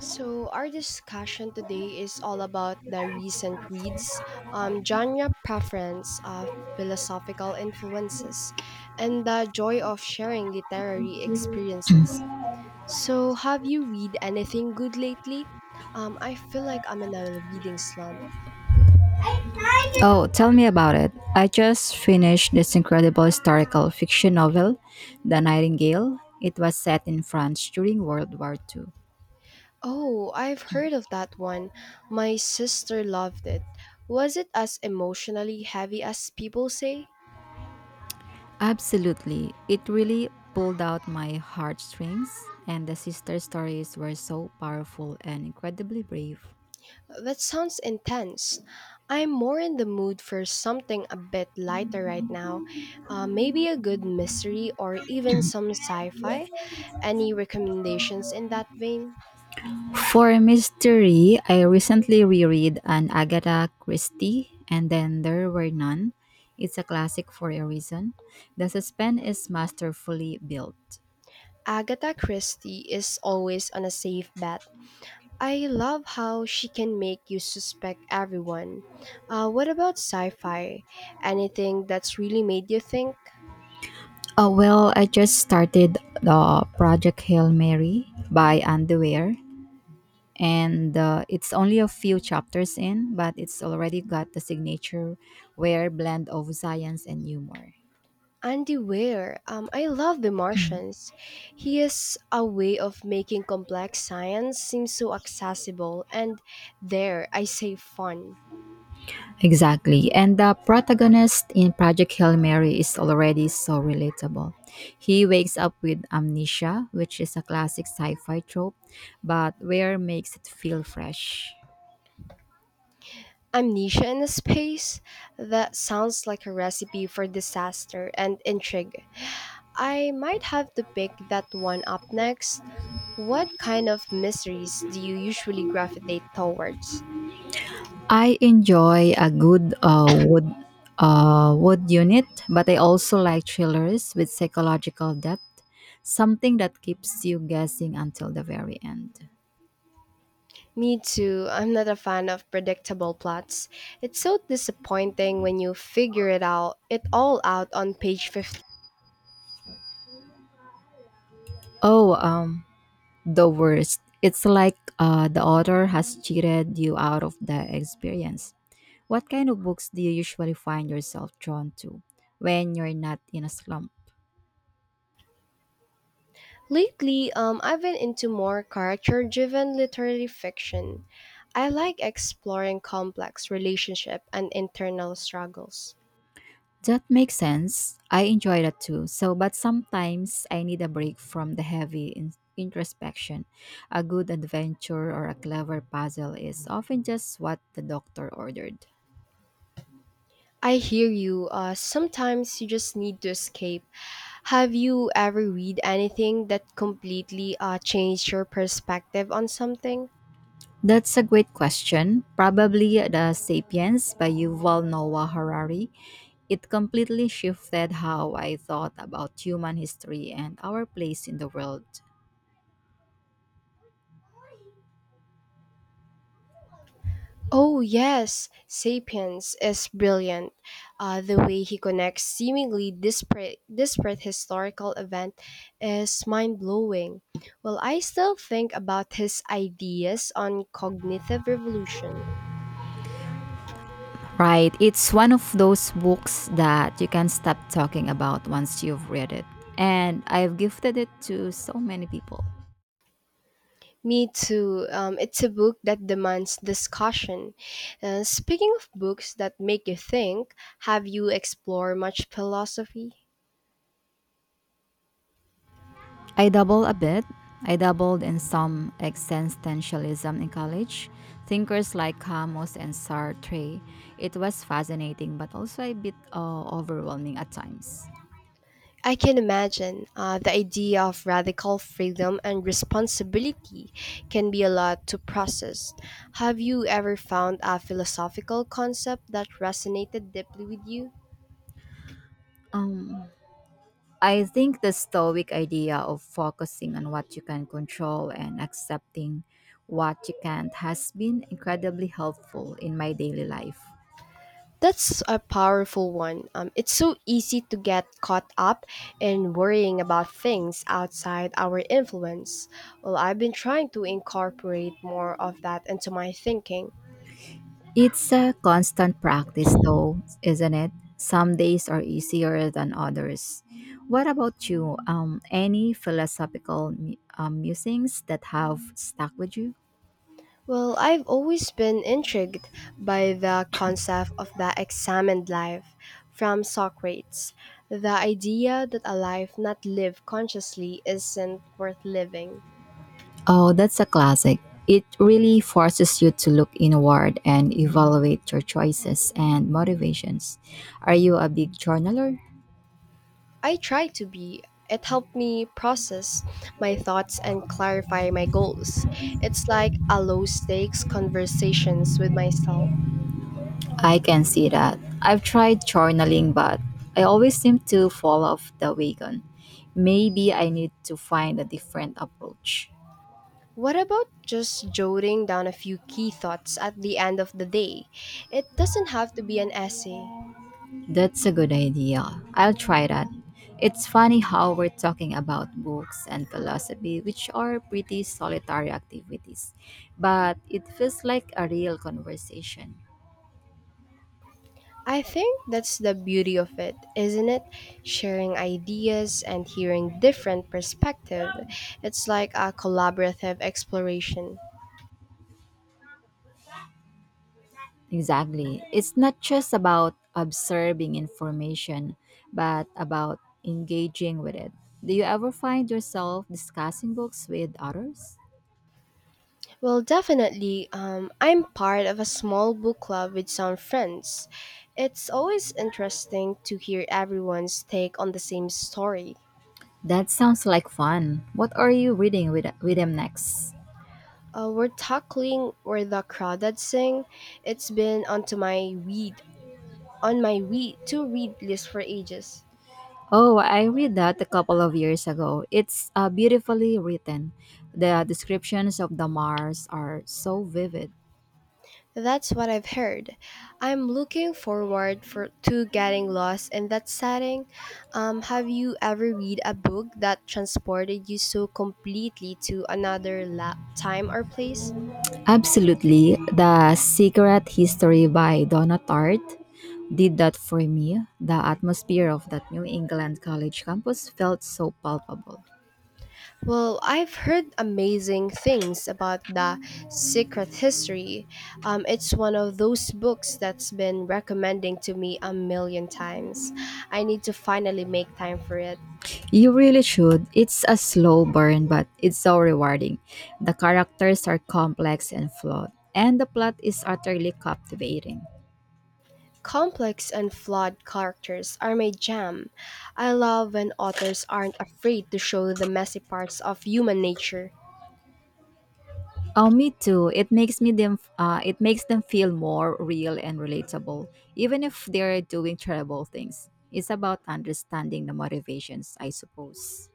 So, our discussion today is all about the recent reads, genre preference of philosophical influences, and the joy of sharing literary experiences. So, have you read anything good lately? I feel like I'm in a reading slump. Oh, tell me about it. I just finished this incredible historical fiction novel, The Nightingale. It was set in France during World War II. Oh, I've heard of that one. My sister loved it. Was it as emotionally heavy as people say? Absolutely. It really pulled out my heartstrings, and the sister stories were so powerful and incredibly brave. That sounds intense. I'm more in the mood for something a bit lighter right now. Maybe a good mystery or even some sci fi. Any recommendations in that vein? For a mystery, I recently reread an Agatha Christie, and then there were none. It's a classic for a reason. The suspense is masterfully built. Agatha Christie is always on a safe bet. I love how she can make you suspect everyone. What about sci fi? Anything that's really made you think? Well, I just started the Project Hail Mary by Underwear, and it's only a few chapters in, but it's already got the signature where blend of science and humor. Andy Weir, I love The Martians. He has a way of making complex science seem so accessible and there I say fun. Exactly. And the protagonist in Project Hail Mary is already so relatable. He wakes up with amnesia, which is a classic sci fi trope, but where makes it feel fresh. Amnesia in Space? That sounds like a recipe for disaster and intrigue. I might have to pick that one up next. What kind of mysteries do you usually gravitate towards? I enjoy a good wood unit, but I also like thrillers with psychological depth, something that keeps you guessing until the very end. Me too. I'm not a fan of predictable plots. It's so disappointing when you figure it out it all out on page 50. Oh, the worst! It's like the author has cheated you out of the experience. What kind of books do you usually find yourself drawn to when you're not in a slump? Lately, I've been into more character-driven literary fiction. I like exploring complex relationship and internal struggles. That makes sense. I enjoy that too. So, but sometimes I need a break from the heavy introspection. A good adventure or a clever puzzle is often just what the doctor ordered. I hear you. Sometimes you just need to escape. Have you ever read anything that completely changed your perspective on something? That's a great question. Probably The Sapiens by Yuval Noah Harari. It completely shifted how I thought about human history and our place in the world. Oh, yes, Sapiens is brilliant. The way he connects seemingly disparate historical events is mind blowing. Well, I still think about his ideas on cognitive revolution. Right. It's one of those books that you can't stop talking about once you've read it. And I've gifted it to so many people. Me too. It's a book that demands discussion. Speaking of books that make you think, have you explored much philosophy? I double a bit. I doubled in some existentialism in college. Thinkers like Camus and Sartre. It was fascinating, but also a bit overwhelming at times. I can imagine the idea of radical freedom and responsibility can be a lot to process. Have you ever found a philosophical concept that resonated deeply with you? Um, I think the Stoic idea of focusing on what you can control and accepting what you can't has been incredibly helpful in my daily life. That's a powerful one. It's so easy to get caught up in worrying about things outside our influence. Well, I've been trying to incorporate more of that into my thinking. It's a constant practice, though, isn't it? Some days are easier than others. What about you? Any philosophical musings that have stuck with you? Well, I've always been intrigued by the concept of the examined life from Socrates. The idea that a life not lived consciously isn't worth living. Oh, that's a classic. It really forces you to look inward and evaluate your choices and motivations. Are you a big journaler? I try to be. It helped me process my thoughts and clarify my goals. It's like a low stakes conversations with myself. I can see that. I've tried journaling, but I always seem to fall off the wagon. Maybe I need to find a different approach. What about just jotting down a few key thoughts at the end of the day? It doesn't have to be an essay. That's a good idea. I'll try that. It's funny how we're talking about books and philosophy, which are pretty solitary activities, but it feels like a real conversation. I think that's the beauty of it, isn't it? Sharing ideas and hearing different perspective. It's like a collaborative exploration. Exactly. It's not just about observing information, but about engaging with it. Do you ever find yourself discussing books with others? Well, definitely, I'm part of a small book club with some friends. It's always interesting to hear everyone's take on the same story. That sounds like fun. What are you reading with them next? We're tackling where the crawdads sing. It's been onto my read on my read to read list for ages. Oh, I read that a couple of years ago. It's beautifully written. The descriptions of the Mars are so vivid. That's what I've heard. I'm looking forward for to getting lost in that setting. Have you ever read a book that transported you so completely to another time or place? Absolutely. The Secret History by Donna Tartt did that for me. The atmosphere of that New England college campus felt so palpable. Well, I've heard amazing things about the Secret History. It's one of those books that's been recommending to me a million times. I need to finally make time for it. You really should. It's a slow burn, but it's so rewarding. The characters are complex and flawed, and the plot is utterly captivating. Complex and flawed characters are my jam. I love when authors aren't afraid to show the messy parts of human nature. Oh, me too. It makes me them. It makes them feel more real and relatable, even if they're doing terrible things. It's about understanding the motivations, I suppose.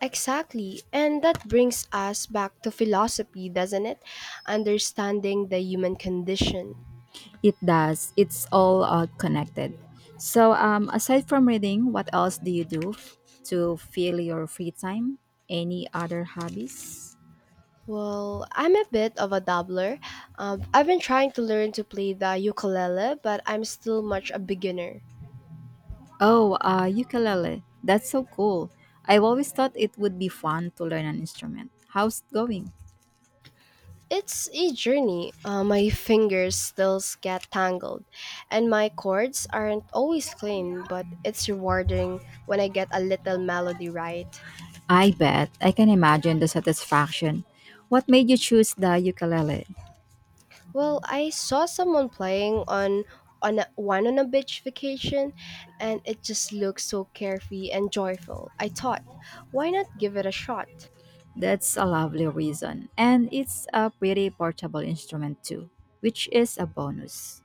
Exactly, and that brings us back to philosophy, doesn't it? Understanding the human condition. It does. It's all connected. So, aside from reading, what else do you do to fill your free time? Any other hobbies? Well, I'm a bit of a dabbler. I've been trying to learn to play the ukulele, but I'm still much a beginner. Oh, ukulele. That's so cool. I've always thought it would be fun to learn an instrument. How's it going? It's a journey. My fingers still get tangled, and my chords aren't always clean, but it's rewarding when I get a little melody right. I bet. I can imagine the satisfaction. What made you choose the ukulele? Well, I saw someone playing on a, one on a beach vacation, and it just looked so carefree and joyful. I thought, why not give it a shot? That's a lovely reason. And it's a pretty portable instrument too, which is a bonus.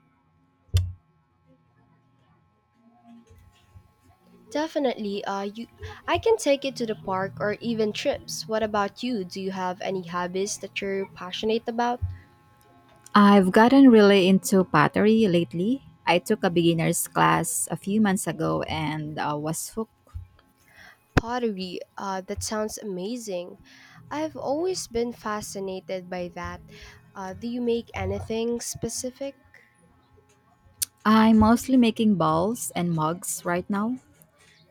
Definitely, I can take it to the park or even trips. What about you? Do you have any hobbies that you're passionate about? I've gotten really into pottery lately. I took a beginner's class a few months ago and was hooked. Pottery, that sounds amazing. I've always been fascinated by that. Do you make anything specific? I'm mostly making bowls and mugs right now.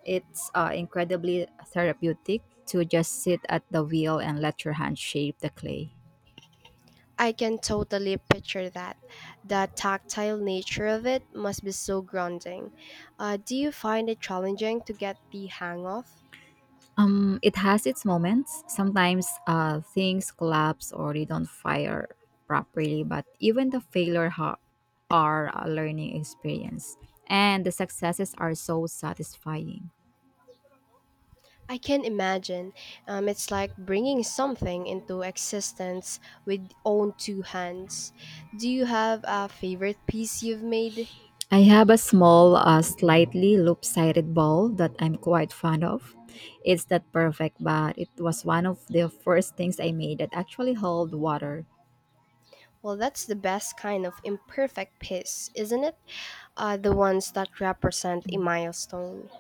It's incredibly therapeutic to just sit at the wheel and let your hand shape the clay. I can totally picture that. The tactile nature of it must be so grounding. Do you find it challenging to get the hang of? It has its moments. Sometimes things collapse or they don't fire properly, but even the are a learning experience, and the successes are so satisfying. I can imagine. It's like bringing something into existence with own two hands. Do you have a favorite piece you've made? I have a small, slightly loop-sided ball that I'm quite fond of. It's not perfect, but it was one of the first things I made that actually held water. Well, that's the best kind of imperfect piece, isn't it? The ones that represent a milestone.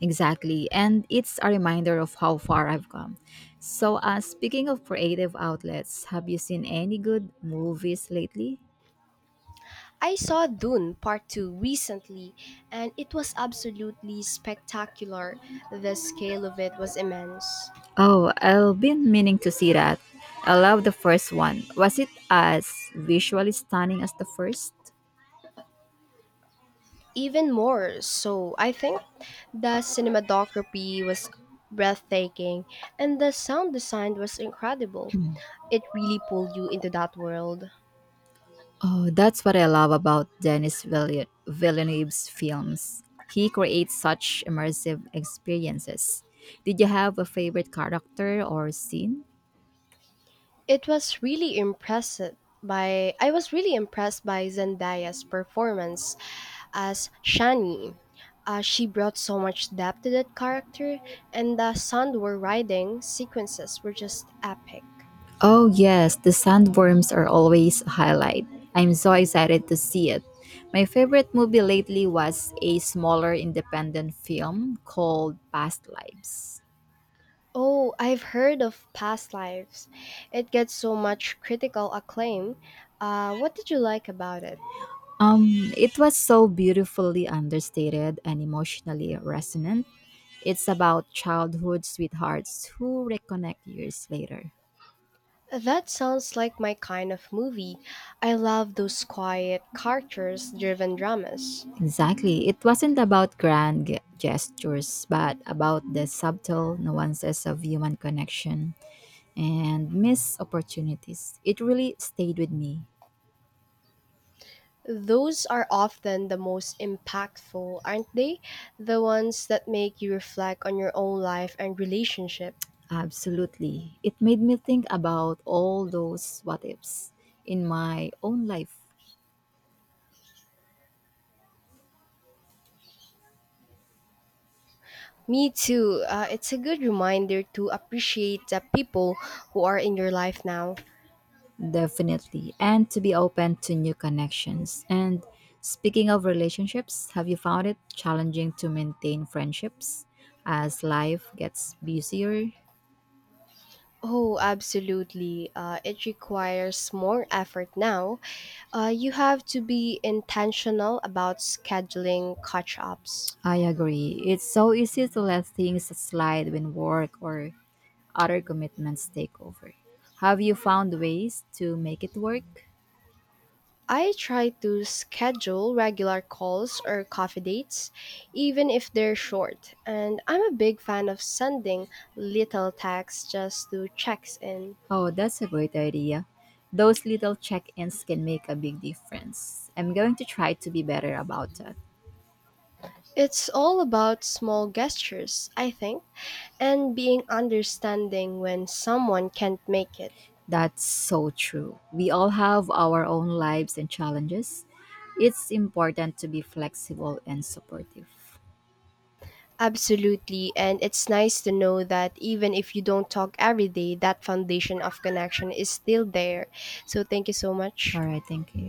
Exactly. And it's a reminder of how far I've come. So, speaking of creative outlets, have you seen any good movies lately? I saw Dune Part 2 recently, and it was absolutely spectacular. The scale of it was immense. Oh, I've been meaning to see that. I love the first one. Was it as visually stunning as the first? Even more so, I think, the cinematography was breathtaking, and the sound design was incredible. It really pulled you into that world. Oh, that's what I love about Villeneuve's films. He creates such immersive experiences. Did you have a favorite character or scene? It was really impressive by I was really impressed by Zendaya's performance as Shani. She brought so much depth to that character, and the Sandor riding sequences were just epic. Oh, yes, the sandworms are always a highlight. I'm so excited to see it. My favorite movie lately was a smaller independent film called Past Lives. Oh, I've heard of Past Lives. It gets so much critical acclaim. What did you like about it? Um, it was so beautifully understated and emotionally resonant. It's about childhood sweethearts who reconnect years later. That sounds like my kind of movie. I love those quiet, characters driven dramas. Exactly. It wasn't about gestures, but about the subtle nuances of human connection and missed opportunities. It really stayed with me. Those are often the most impactful, aren't they? The ones that make you reflect on your own life and relationship. Absolutely. It made me think about all those what ifs in my own life. Me too. It's a good reminder to appreciate the people who are in your life now. Definitely. And to be open to new connections. And speaking of relationships, have you found it challenging to maintain friendships as life gets busier? Oh, absolutely. It requires more effort now. You have to be intentional about scheduling catch ups. I agree. It's so easy to let things slide when work or other commitments take over. Have you found ways to make it work? I try to schedule regular calls or coffee dates, even if they're short, and I'm a big fan of sending little texts just to check in. Oh, that's a great idea. Those little check ins can make a big difference. I'm going to try to be better about that. It's all about small gestures, I think, and being understanding when someone can't make it. That's so true. We all have our own lives and challenges. It's important to be flexible and supportive. Absolutely, and it's nice to know that even if you don't talk every day, that foundation of connection is still there. So, thank you so All much. right, thank you.